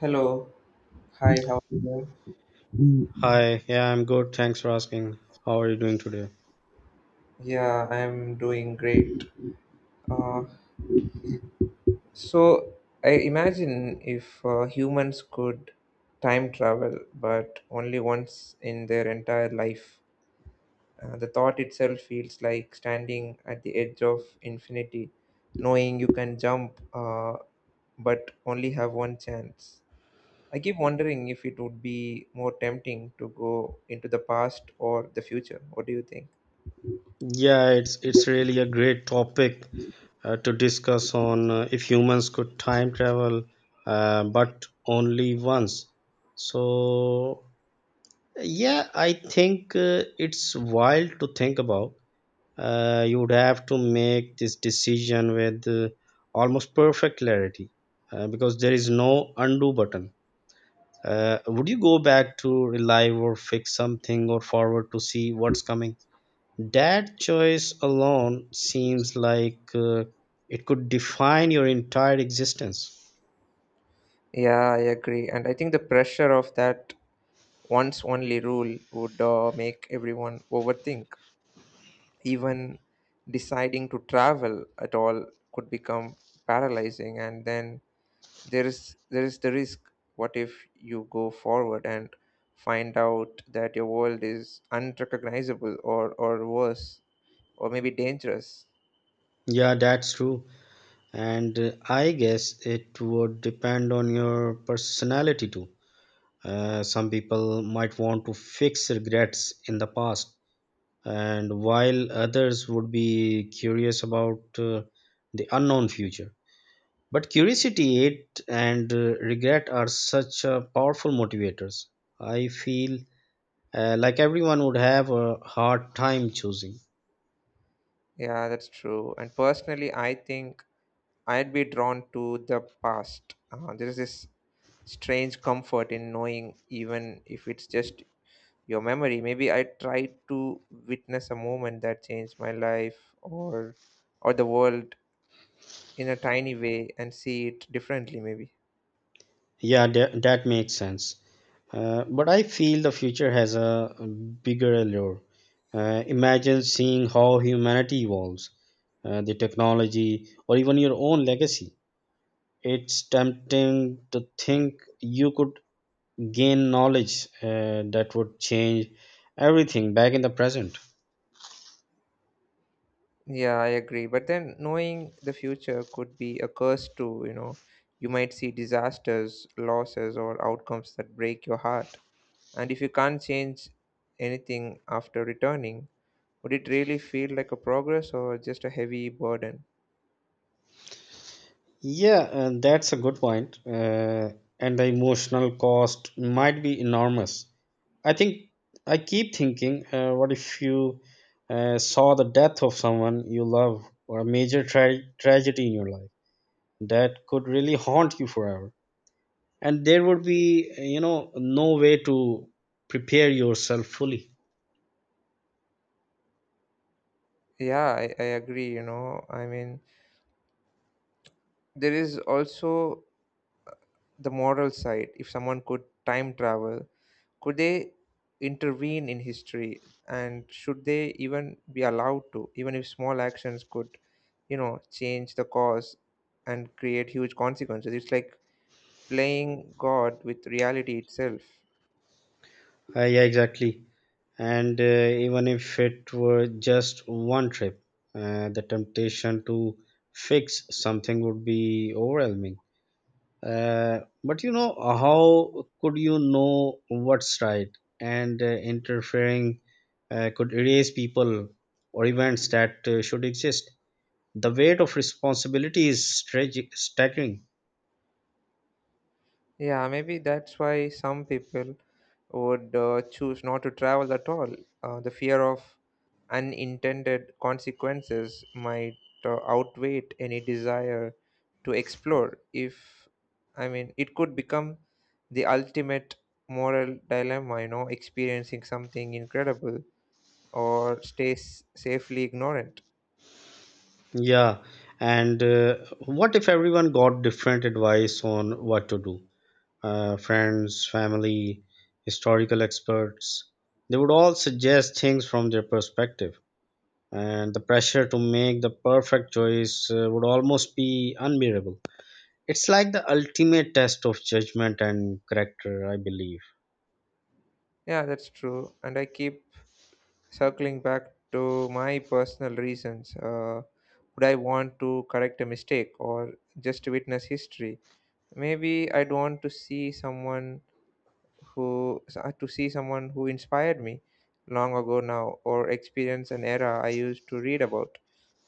Hello. Hi, how are you doing? Hi, yeah, I'm good. Thanks for asking. How are you doing today? Yeah, I'm doing great. Uh, so, I imagine if humans could time travel, but only once in their entire life, the thought itself feels like standing at the edge of infinity, knowing you can jump, but only have one chance. I keep wondering if it would be more tempting to go into the past or the future. What do you think? Yeah, it's really a great topic to discuss on, if humans could time travel, but only once. So yeah, I think it's wild to think about. You would have to make this decision with almost perfect clarity, because there is no undo button. Would you go back to relive or fix something or forward to see what's coming? That choice alone seems like it could define your entire existence. Yeah, I agree. And I think the pressure of that once only rule would make everyone overthink. Even deciding to travel at all could become paralyzing. And then there is the risk. What if you go forward and find out that your world is unrecognizable or worse, or maybe dangerous? Yeah, that's true. And I guess it would depend on your personality too. Some people might want to fix regrets in the past, and while others would be curious about the unknown future. But curiosity, and regret are such powerful motivators. I feel like everyone would have a hard time choosing. Yeah, that's true. And personally, I think I'd be drawn to the past. There is this strange comfort in knowing, even if it's just your memory. Maybe I tried to witness a moment that changed my life or the world in a tiny way and see it differently. Maybe. Yeah, that makes sense. But I feel the future has a bigger allure. Imagine seeing how humanity evolves, the technology, or even your own legacy. It's tempting to think you could gain knowledge that would change everything back in the present. Yeah, I agree. But then knowing the future could be a curse too. You know, you might see disasters, losses, or outcomes that break your heart. And if you can't change anything after returning, would it really feel like a progress or just a heavy burden? Yeah, that's a good point. And the emotional cost might be enormous. I think I keep thinking, what if you saw the death of someone you love or a major tragedy in your life that could really haunt you forever? And there would be, no way to prepare yourself fully. Yeah, I agree, I mean there is also the moral side. If someone could time travel, could they intervene in history and should they even be allowed to? Even if small actions could, you know, change the cause and create huge consequences, it's like playing God with reality itself. Yeah, exactly. And even if it were just one trip, the temptation to fix something would be overwhelming. But how could you know what's right? And interfering could erase people or events that should exist. The weight of responsibility is staggering. Yeah, maybe that's why some people would choose not to travel at all. The fear of unintended consequences might outweigh any desire to explore. If I mean, it could become the ultimate moral dilemma, you know, experiencing something incredible or safely ignorant. Yeah, and what if everyone got different advice on what to do? Friends, family, historical experts, they would all suggest things from their perspective, and the pressure to make the perfect choice would almost be unbearable. It's like the ultimate test of judgment and character, I believe. Yeah, that's true. And I keep circling back to my personal reasons. Would I want to correct a mistake or just to witness history? Maybe I don't want to see someone who to see someone who inspired me long ago now, or experience an era I used to read about.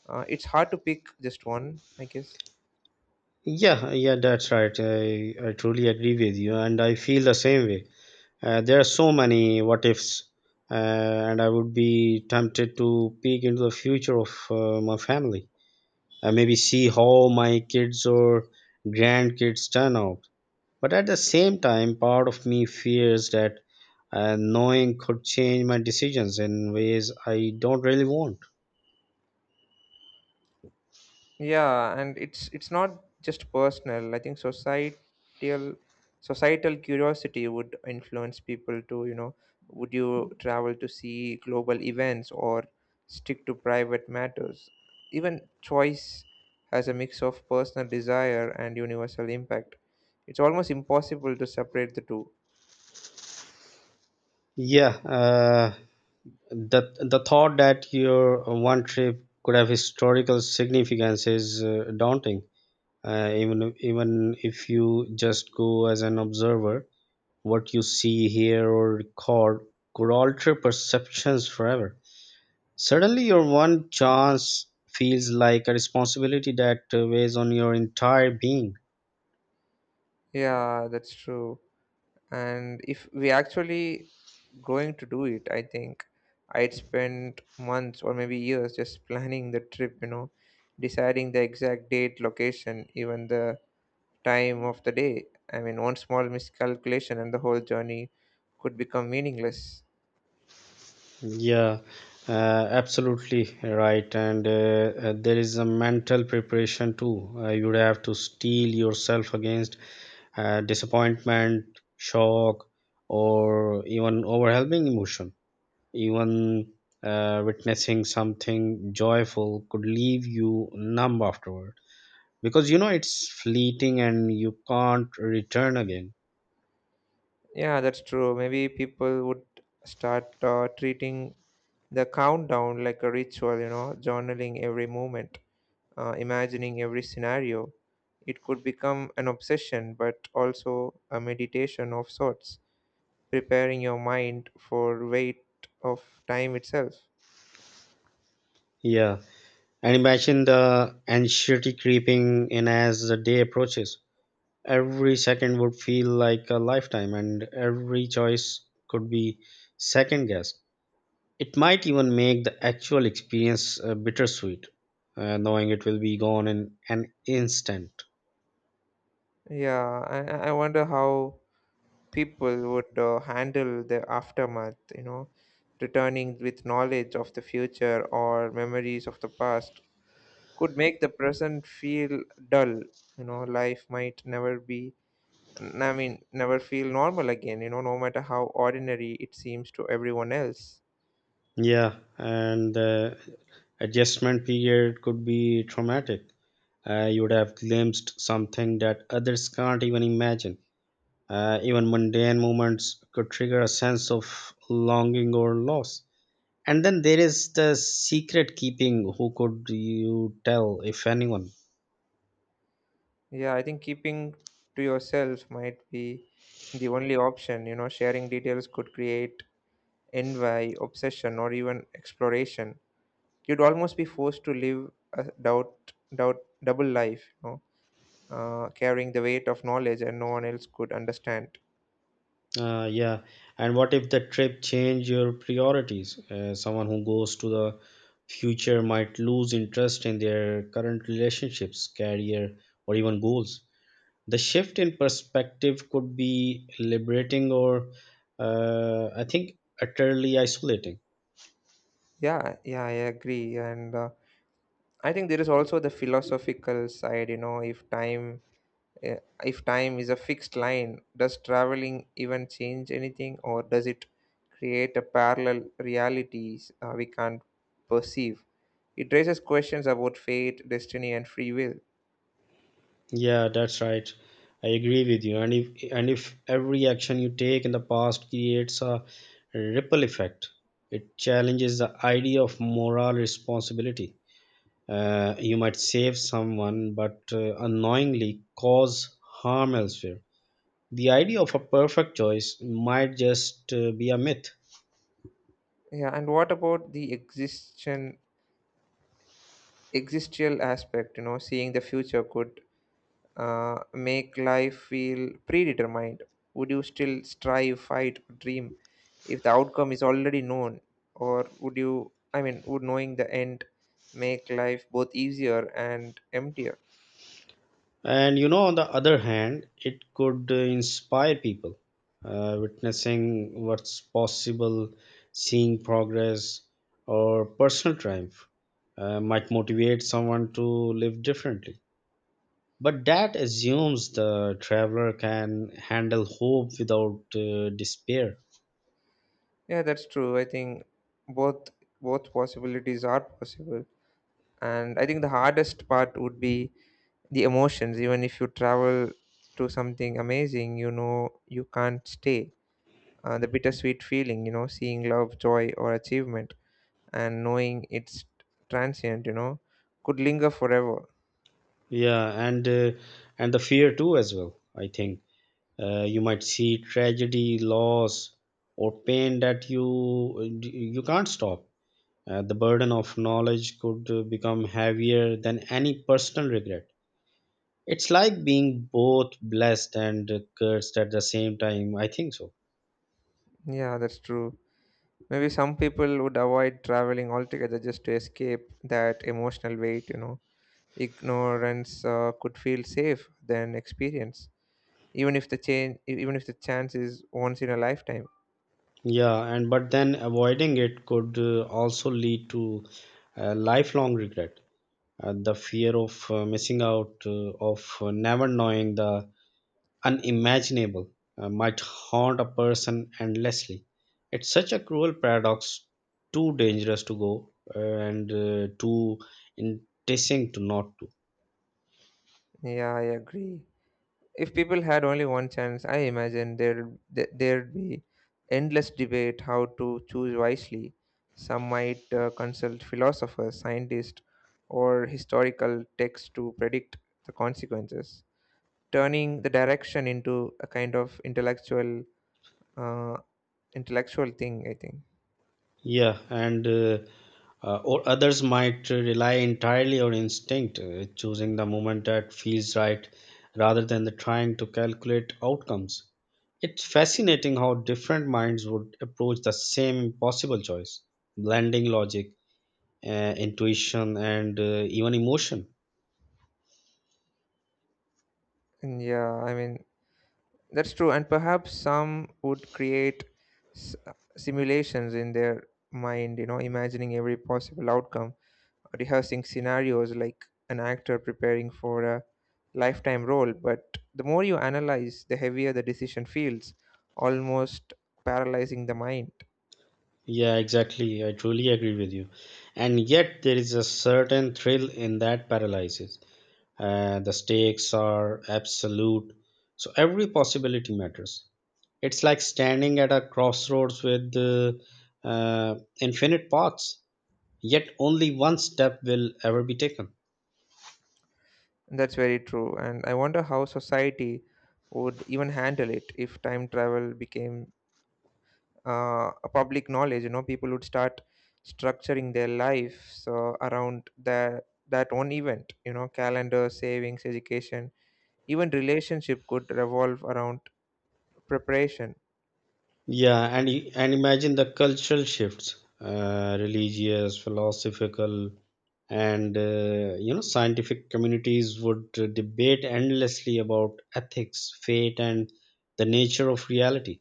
Uh, it's hard to pick just one, I guess. Yeah, yeah, that's right. I truly agree with you, and I feel the same way. There are so many what ifs, and I would be tempted to peek into the future of my family, maybe see how my kids or grandkids turn out. But at the same time, part of me fears that knowing could change my decisions in ways I don't really want. Yeah, and it's not just personal. I think societal curiosity would influence people to you know, would you travel to see global events or stick to private matters? Even choice has a mix of personal desire and universal impact. It's almost impossible to separate the two. Yeah, the thought that your one trip could have historical significance is daunting. Even if you just go as an observer, what you see, hear, or record could alter perceptions forever. Suddenly, your one chance feels like a responsibility that weighs on your entire being. Yeah, that's true. And if we actually going to do it, I think I'd spend months or maybe years just planning the trip, you know, deciding the exact date, location, even the time of the day. I mean, one small miscalculation and the whole journey could become meaningless. Yeah, absolutely right. And there is a mental preparation too. You would have to steel yourself against disappointment, shock, or even overwhelming emotion. Even witnessing something joyful could leave you numb afterward, because it's fleeting and you can't return again. Yeah, that's true. Maybe people would start treating the countdown like a ritual, you know, journaling every moment, imagining every scenario. It could become an obsession, but also a meditation of sorts, preparing your mind for weight of time itself. Yeah, and imagine the anxiety creeping in as the day approaches. Every second would feel like a lifetime, and every choice could be second guessed. It might even make the actual experience bittersweet, knowing it will be gone in an instant. Yeah, I wonder how people would handle the aftermath, you know, returning with knowledge of the future or memories of the past could make the present feel dull. You know, life might never be I mean, never feel normal again, you know, no matter how ordinary it seems to everyone else. Yeah, and the adjustment period could be traumatic. You would have glimpsed something that others can't even imagine. Even mundane moments could trigger a sense of longing or loss. And then there is the secret keeping. Who could you tell, if anyone? Yeah, I think keeping to yourself might be the only option. You know, sharing details could create envy, obsession, or even exploration. You'd almost be forced to live a double life, you know, carrying the weight of knowledge and no one else could understand. Yeah. And what if the trip change your priorities? Someone who goes to the future might lose interest in their current relationships, career, or even goals. The shift in perspective could be liberating or, I think, utterly isolating. Yeah, yeah, I agree. And I think there is also the philosophical side. You know, Uh, if time is a fixed line, does traveling even change anything, or does it create a parallel realities we can't perceive? It raises questions about fate, destiny, and free will. Yeah, that's right. I agree with you. And if every action you take in the past creates a ripple effect, it challenges the idea of moral responsibility. You might save someone but unknowingly cause harm elsewhere. The idea of a perfect choice might just be a myth. Yeah, and what about the existential aspect? You know, seeing the future could make life feel predetermined? Would you still strive, fight, or dream if the outcome is already known? Or would you, I mean, would knowing the end make life both easier and emptier? And on the other hand, it could inspire people, witnessing what's possible, seeing progress, or personal triumph might motivate someone to live differently. But that assumes the traveler can handle hope without despair. Yeah, that's true. I think both both possibilities are possible. And I think the hardest part would be the emotions. Even if you travel to something amazing, you know you can't stay. The bittersweet feeling, you know, seeing love, joy, or achievement and knowing it's transient, you know, could linger forever. Yeah, and the fear too as well. I think you might see tragedy, loss, or pain that you can't stop. The burden of knowledge could become heavier than any personal regret. It's like being both blessed and cursed at the same time. I think so. Yeah, that's true. Maybe some people would avoid traveling altogether just to escape that emotional weight, you know. Ignorance could feel safe than experience, even if even if the chance is once in a lifetime. Yeah, and but then avoiding it could also lead to lifelong regret. The fear of missing out, of never knowing the unimaginable might haunt a person endlessly. It's such a cruel paradox, too dangerous to go, and too enticing to not to. Yeah, I agree. If people had only one chance, I imagine there'd be endless debate how to choose wisely. Some might consult philosophers, scientists, or historical texts to predict the consequences, turning the direction into a kind of uh, intellectual thing, I think. Yeah, and or others might rely entirely on instinct, choosing the moment that feels right rather than the trying to calculate outcomes. It's fascinating how different minds would approach the same impossible choice, blending logic, intuition and even emotion. And yeah, I mean that's true, and perhaps some would create s- uh, simulations in their mind, you know, imagining every possible outcome, rehearsing scenarios like an actor preparing for a lifetime role. But the more you analyze, the heavier the decision feels, almost paralyzing the mind. Yeah, exactly. I truly agree with you. And yet there is a certain thrill in that paralysis. The stakes are absolute, so every possibility matters. It's like standing at a crossroads with uh, infinite paths, yet only one step will ever be taken. That's very true. And I wonder how society would even handle it if time travel became a public knowledge. You know, people would start structuring their lives around that one event. You know, calendar, savings, education, even relationship could revolve around preparation. Yeah, and and imagine the cultural shifts, religious, philosophical, and scientific communities would debate endlessly about ethics, fate, and the nature of reality.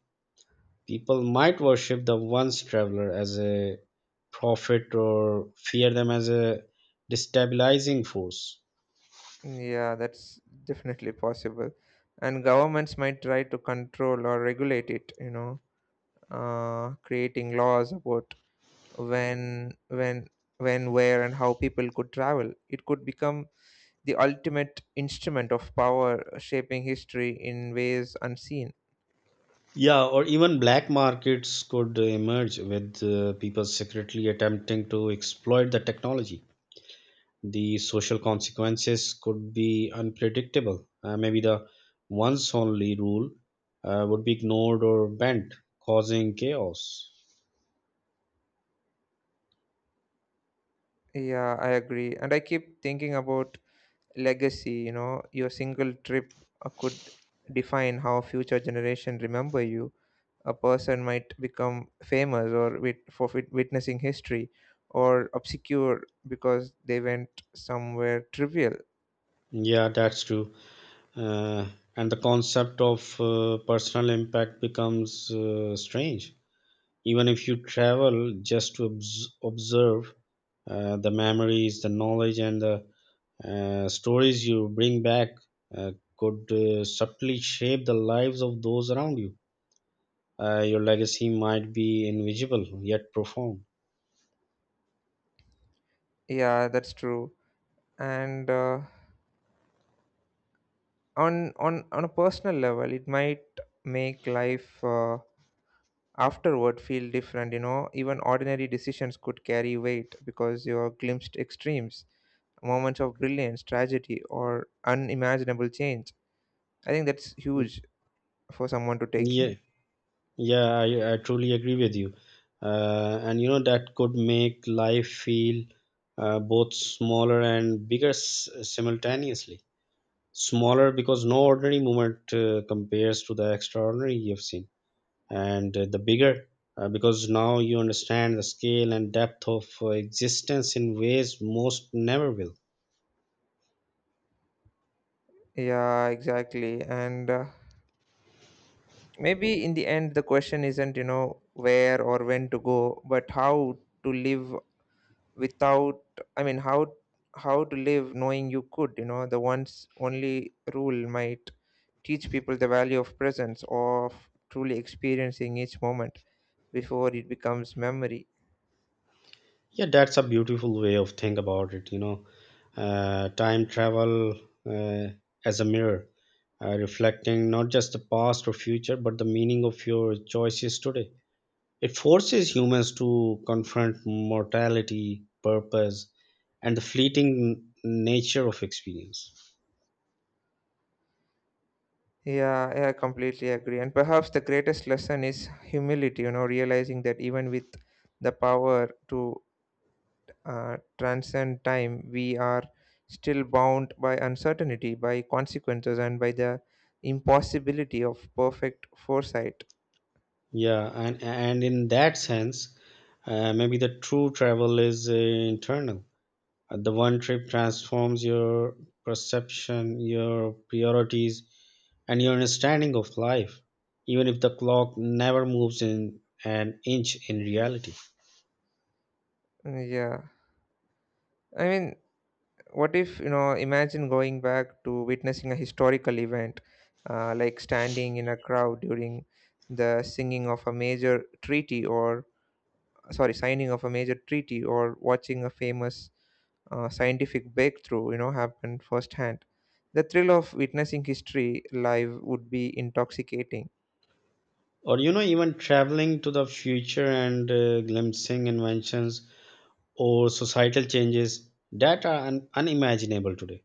People might worship the once traveler as a prophet or fear them as a destabilizing force. Yeah, that's definitely possible. And governments might try to control or regulate it, you know, creating laws about when, when, when, where, and how people could travel. It could become the ultimate instrument of power, shaping history in ways unseen. Yeah, or even black markets could emerge with people secretly attempting to exploit the technology. The social consequences could be unpredictable. Maybe the once only rule would be ignored or bent, causing chaos. Yeah, I agree. And I keep thinking about legacy. You know, your single trip could define how future generation remember you. A person might become famous for witnessing history, or obscure because they went somewhere trivial. Yeah, that's true. Uh, and the concept of personal impact becomes strange. Even if you travel just to observe the memories, the knowledge, and the stories you bring back uh, could subtly shape the lives of those around you. Your legacy might be invisible yet profound. Yeah, that's true. And on a personal level, it might make life afterward feel different. You know, even ordinary decisions could carry weight because you are glimpsed extremes, moments of brilliance, tragedy, or unimaginable change. I think that's huge for someone to take Yeah, in. yeah, I truly agree with you. And that could make life feel both smaller and bigger simultaneously. Smaller because no ordinary moment compares to the extraordinary you've seen, and the bigger because now you understand the scale and depth of existence in ways most never will. Yeah, exactly. And maybe in the end, the question isn't, you know, where or when to go, but how to live without, I mean, how to live knowing you could, you know, the once only rule might teach people the value of presence, of truly experiencing each moment before it becomes memory. Yeah, that's a beautiful way of think about it. Time travel uh, as a mirror, reflecting not just the past or future, but the meaning of your choices today. It forces humans to confront mortality, purpose, and the fleeting nature of experience. Yeah, yeah, I completely agree. And perhaps the greatest lesson is humility. You know, realizing that even with the power to transcend time, we are still bound by uncertainty, by consequences, and by the impossibility of perfect foresight. Yeah, and in that sense, maybe the true travel is internal. The one trip transforms your perception, your priorities, and your understanding of life, even if the clock never moves in an inch in reality. Mm, yeah. I mean, what if, you know, imagine going back to witnessing a historical event, like standing in a crowd during the singing of a major treaty, or sorry, signing of a major treaty, or watching a famous scientific breakthrough, you know, happened firsthand. The thrill of witnessing history live would be intoxicating. Or, even traveling to the future and glimpsing inventions or societal changes that are unimaginable today.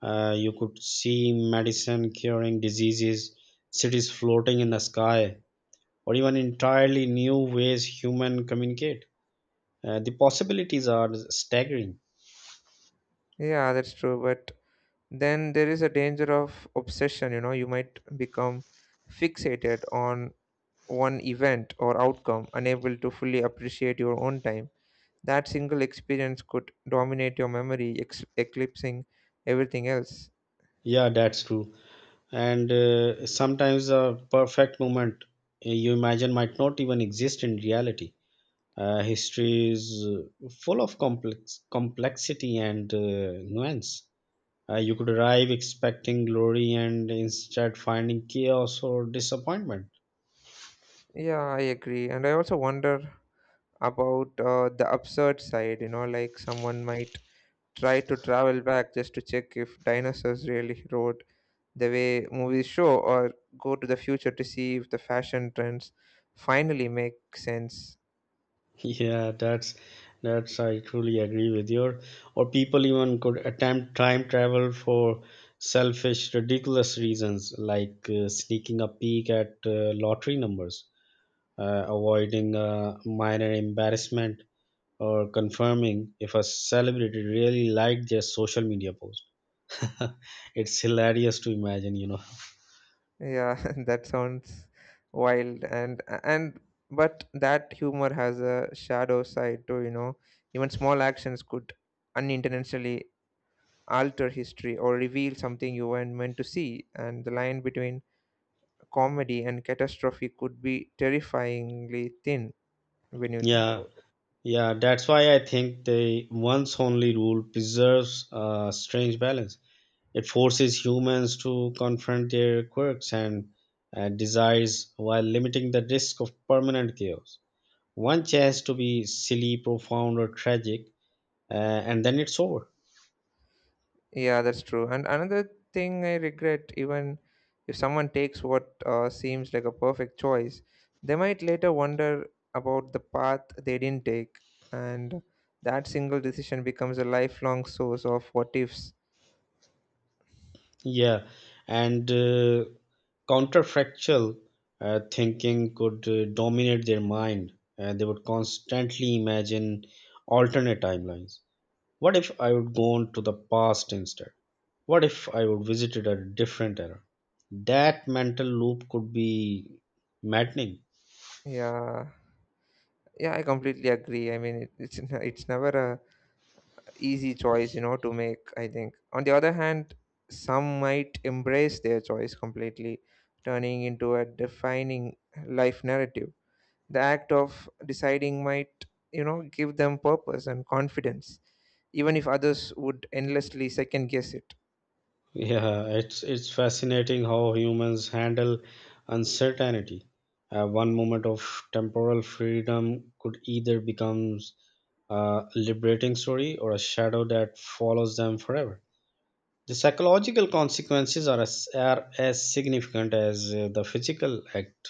You could see medicine curing diseases, cities floating in the sky, or even entirely new ways human communicate. The possibilities are staggering. Yeah, that's true. But then there is a danger of obsession. You know, you might become fixated on one event or outcome, unable to fully appreciate your own time. That single experience could dominate your memory, eclipsing everything else. Yeah, that's true. And sometimes a perfect moment you imagine might not even exist in reality. History is full of complexity and nuance. You could arrive expecting glory and instead finding chaos or disappointment. Yeah, I agree. And I also wonder about the absurd side. You know, like someone might tried to travel back just to check if dinosaurs really rode the way movies show, or go to the future to see if the fashion trends finally make sense. Yeah, that's I truly agree with you. Or people even could attempt time travel for selfish, ridiculous reasons, like sneaking a peek at lottery numbers, avoiding a minor embarrassment, or confirming if a celebrity really liked their social media post. It's hilarious to imagine. Yeah, that sounds wild. And but that humor has a shadow side too. You know, even small actions could unintentionally alter history or reveal something you weren't meant to see, and the line between comedy and catastrophe could be terrifyingly thin when you think Yeah, about. yeah, that's why I think the once only rule preserves a strange balance. It forces humans to confront their quirks and desires while limiting the risk of permanent chaos. One chance to be silly, profound, or tragic, and then it's over. Yeah, that's true. And another thing I regret, even if someone takes what seems like a perfect choice, they might later wonder about the path they didn't take. And that single decision becomes a lifelong source of what ifs. Yeah, and counterfactual thinking could dominate their mind. They would constantly imagine alternate timelines. What if I would gone to the past instead? What if I would visited a different era? That mental loop could be maddening. Yeah, yeah, I completely agree. I mean, it's never a easy choice, you know, to make, I think. On the other hand, some might embrace their choice completely, turning into a defining life narrative. The act of deciding might, you know, give them purpose and confidence, even if others would endlessly second guess it. Yeah, it's fascinating how humans handle uncertainty. One moment of temporal freedom could either becomes a liberating story or a shadow that follows them forever. The psychological consequences are as significant as the physical act.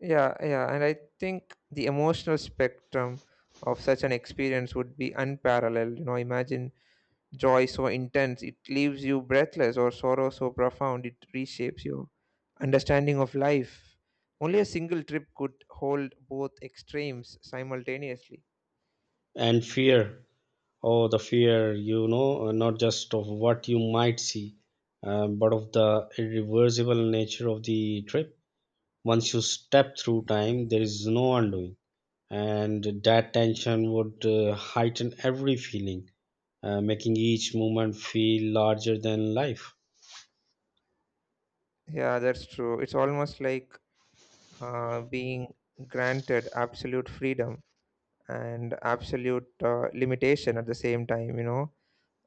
Yeah, yeah. And I think the emotional spectrum of such an experience would be unparalleled. You know, imagine joy so intense it leaves you breathless, or sorrow so profound it reshapes your understanding of life. Only a single trip could hold both extremes simultaneously. And fear. Oh, the fear, not just of what you might see, but of the irreversible nature of the trip. Once you step through time, there is no undoing. And that tension would heighten every feeling, making each moment feel larger than life. Yeah, that's true. It's almost like being granted absolute freedom and absolute limitation at the same time, you know.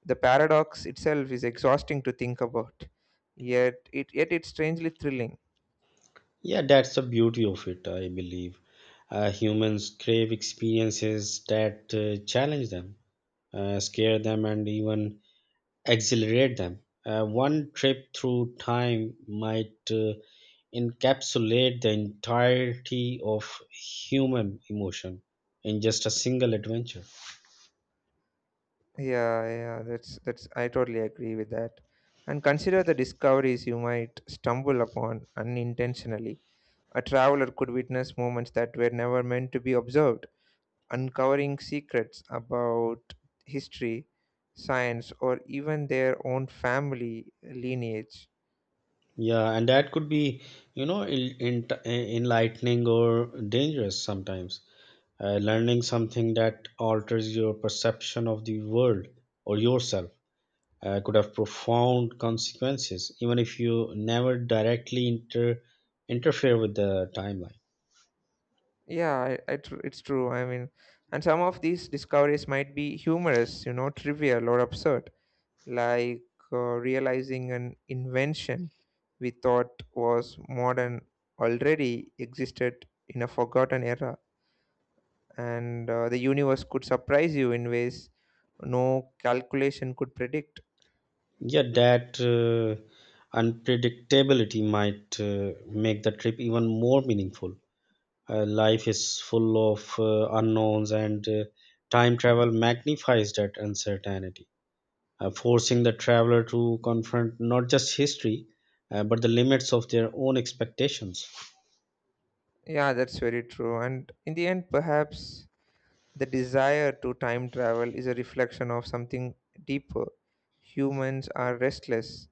The paradox itself is exhausting to think about, yet it's strangely thrilling. Yeah, that's the beauty of it, I believe. Humans crave experiences that challenge them, scare them, and even accelerate them. One trip through time might encapsulate the entirety of human emotion in just a single adventure. Yeah, yeah, that's I totally agree with that. And consider the discoveries you might stumble upon unintentionally. A traveler could witness moments that were never meant to be observed, uncovering secrets about history, science, or even their own family lineage. Yeah, and that could be, enlightening or dangerous sometimes. Learning something that alters your perception of the world or yourself could have profound consequences, even if you never directly interfere with the timeline. Yeah, it's true. I mean, and some of these discoveries might be humorous, you know, trivial or absurd, like realizing an invention we thought was modern already existed in a forgotten era, and the universe could surprise you in ways no calculation could predict. Yeah, that unpredictability might make the trip even more meaningful. Life is full of unknowns, and time travel magnifies that uncertainty, forcing the traveler to confront not just history, but the limits of their own expectations. Yeah, that's very true. And in the end, perhaps the desire to time travel is a reflection of something deeper. Humans are restless.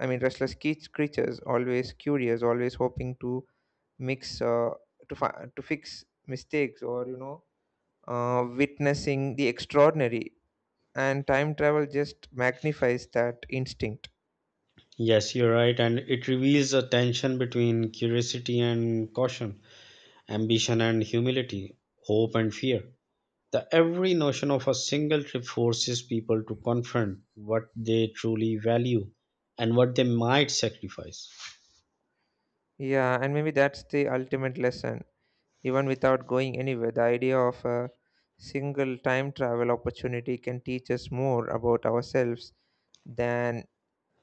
I mean, restless creatures, always curious, always hoping to mix, uh, to fix mistakes, or you know, witnessing the extraordinary. And time travel just magnifies that instinct. Yes, you're right, and it reveals a tension between curiosity and caution, ambition and humility, hope and fear. The every notion of a single trip forces people to confront what they truly value and what they might sacrifice. Yeah, and maybe that's the ultimate lesson. Even without going anywhere, the idea of a single time travel opportunity can teach us more about ourselves than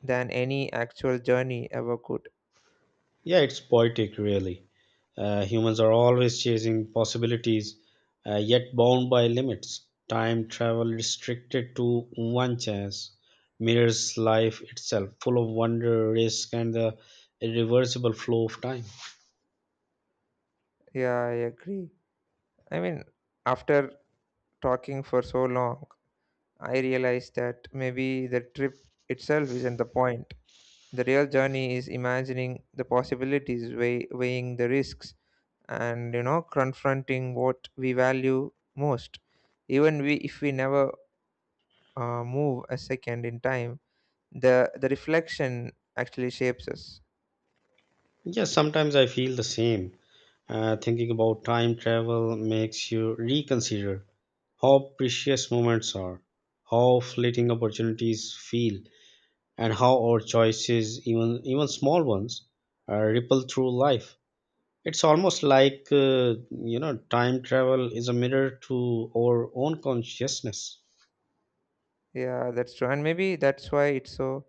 any actual journey ever could. Yeah, it's poetic, really. Humans are always chasing possibilities, yet bound by limits. Time travel restricted to one chance mirrors life itself, full of wonder, risk, and the irreversible flow of time. Yeah, I agree. I mean, after talking for so long, I realized that maybe the trip itself isn't the point. The real journey is imagining the possibilities, weighing the risks, and you know, confronting what we value most. Even we, if we never move a second in time, the reflection actually shapes us. Yeah, sometimes I feel the same. Thinking about time travel makes you reconsider how precious moments are, how fleeting opportunities feel, and how our choices, even small ones, ripple through life. It's almost like time travel is a mirror to our own consciousness, Yeah, that's true, and maybe that's why it's so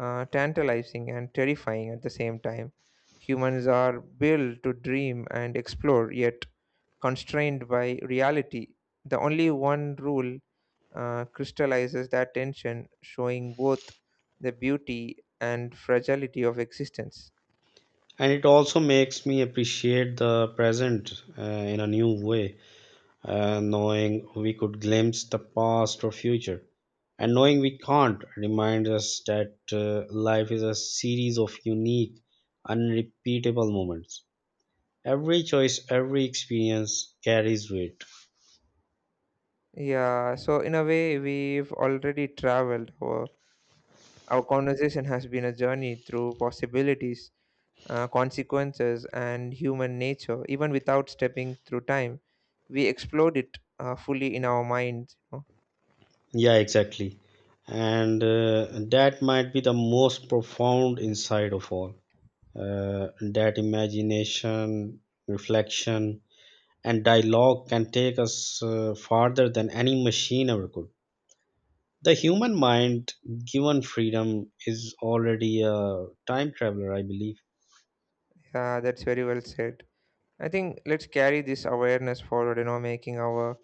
tantalizing and terrifying at the same time. Humans are built to dream and explore, yet constrained by reality. The only one rule crystallizes that tension, showing both the beauty and fragility of existence. and it also makes me appreciate the present in a new way, knowing we could glimpse the past or future, and knowing we can't reminds us that life is a series of unique, unrepeatable moments. Every choice, every experience carries weight. Yeah, so in a way, we've already traveled. Our conversation has been a journey through possibilities, consequences, and human nature. Even without stepping through time, we explored it fully in our minds, you know. Yeah, exactly. And that might be the most profound insight of all. That imagination, reflection, and dialogue can take us farther than any machine ever could. The human mind, given freedom, is already a time traveler, I believe. Yeah, that's very well said. I think let's carry this awareness forward, you know, making our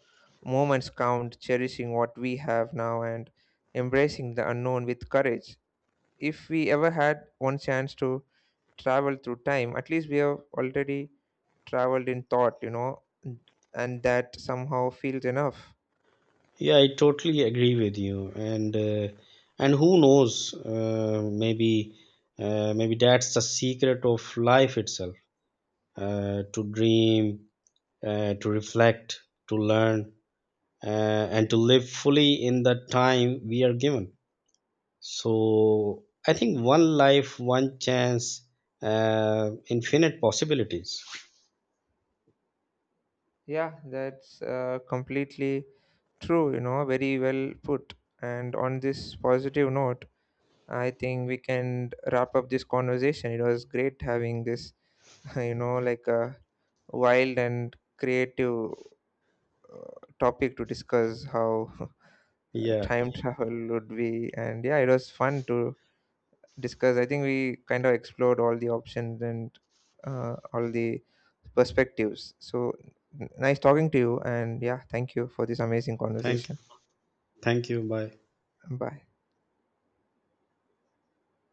moments count, cherishing what we have now, and embracing the unknown with courage. If we ever had one chance to travel through time, at least we have already traveled in thought, you know, and that somehow feels enough. Yeah, I totally agree with you. And and who knows? Maybe that's the secret of life itself. To dream, to reflect, to learn, uh, and to live fully in the time we are given. So I think one life, one chance, infinite possibilities. Yeah, that's completely true, you know. Very well put. And on this positive note, I think we can wrap up this conversation. It was great having this you know, like a wild and creative uh, topic to discuss how Yeah. time travel would be. And yeah, it was fun to discussed. I think we kind of explored all the options and all the perspectives. So nice talking to you, and yeah, thank you for this amazing Thank conversation. Thank you. Bye. Bye.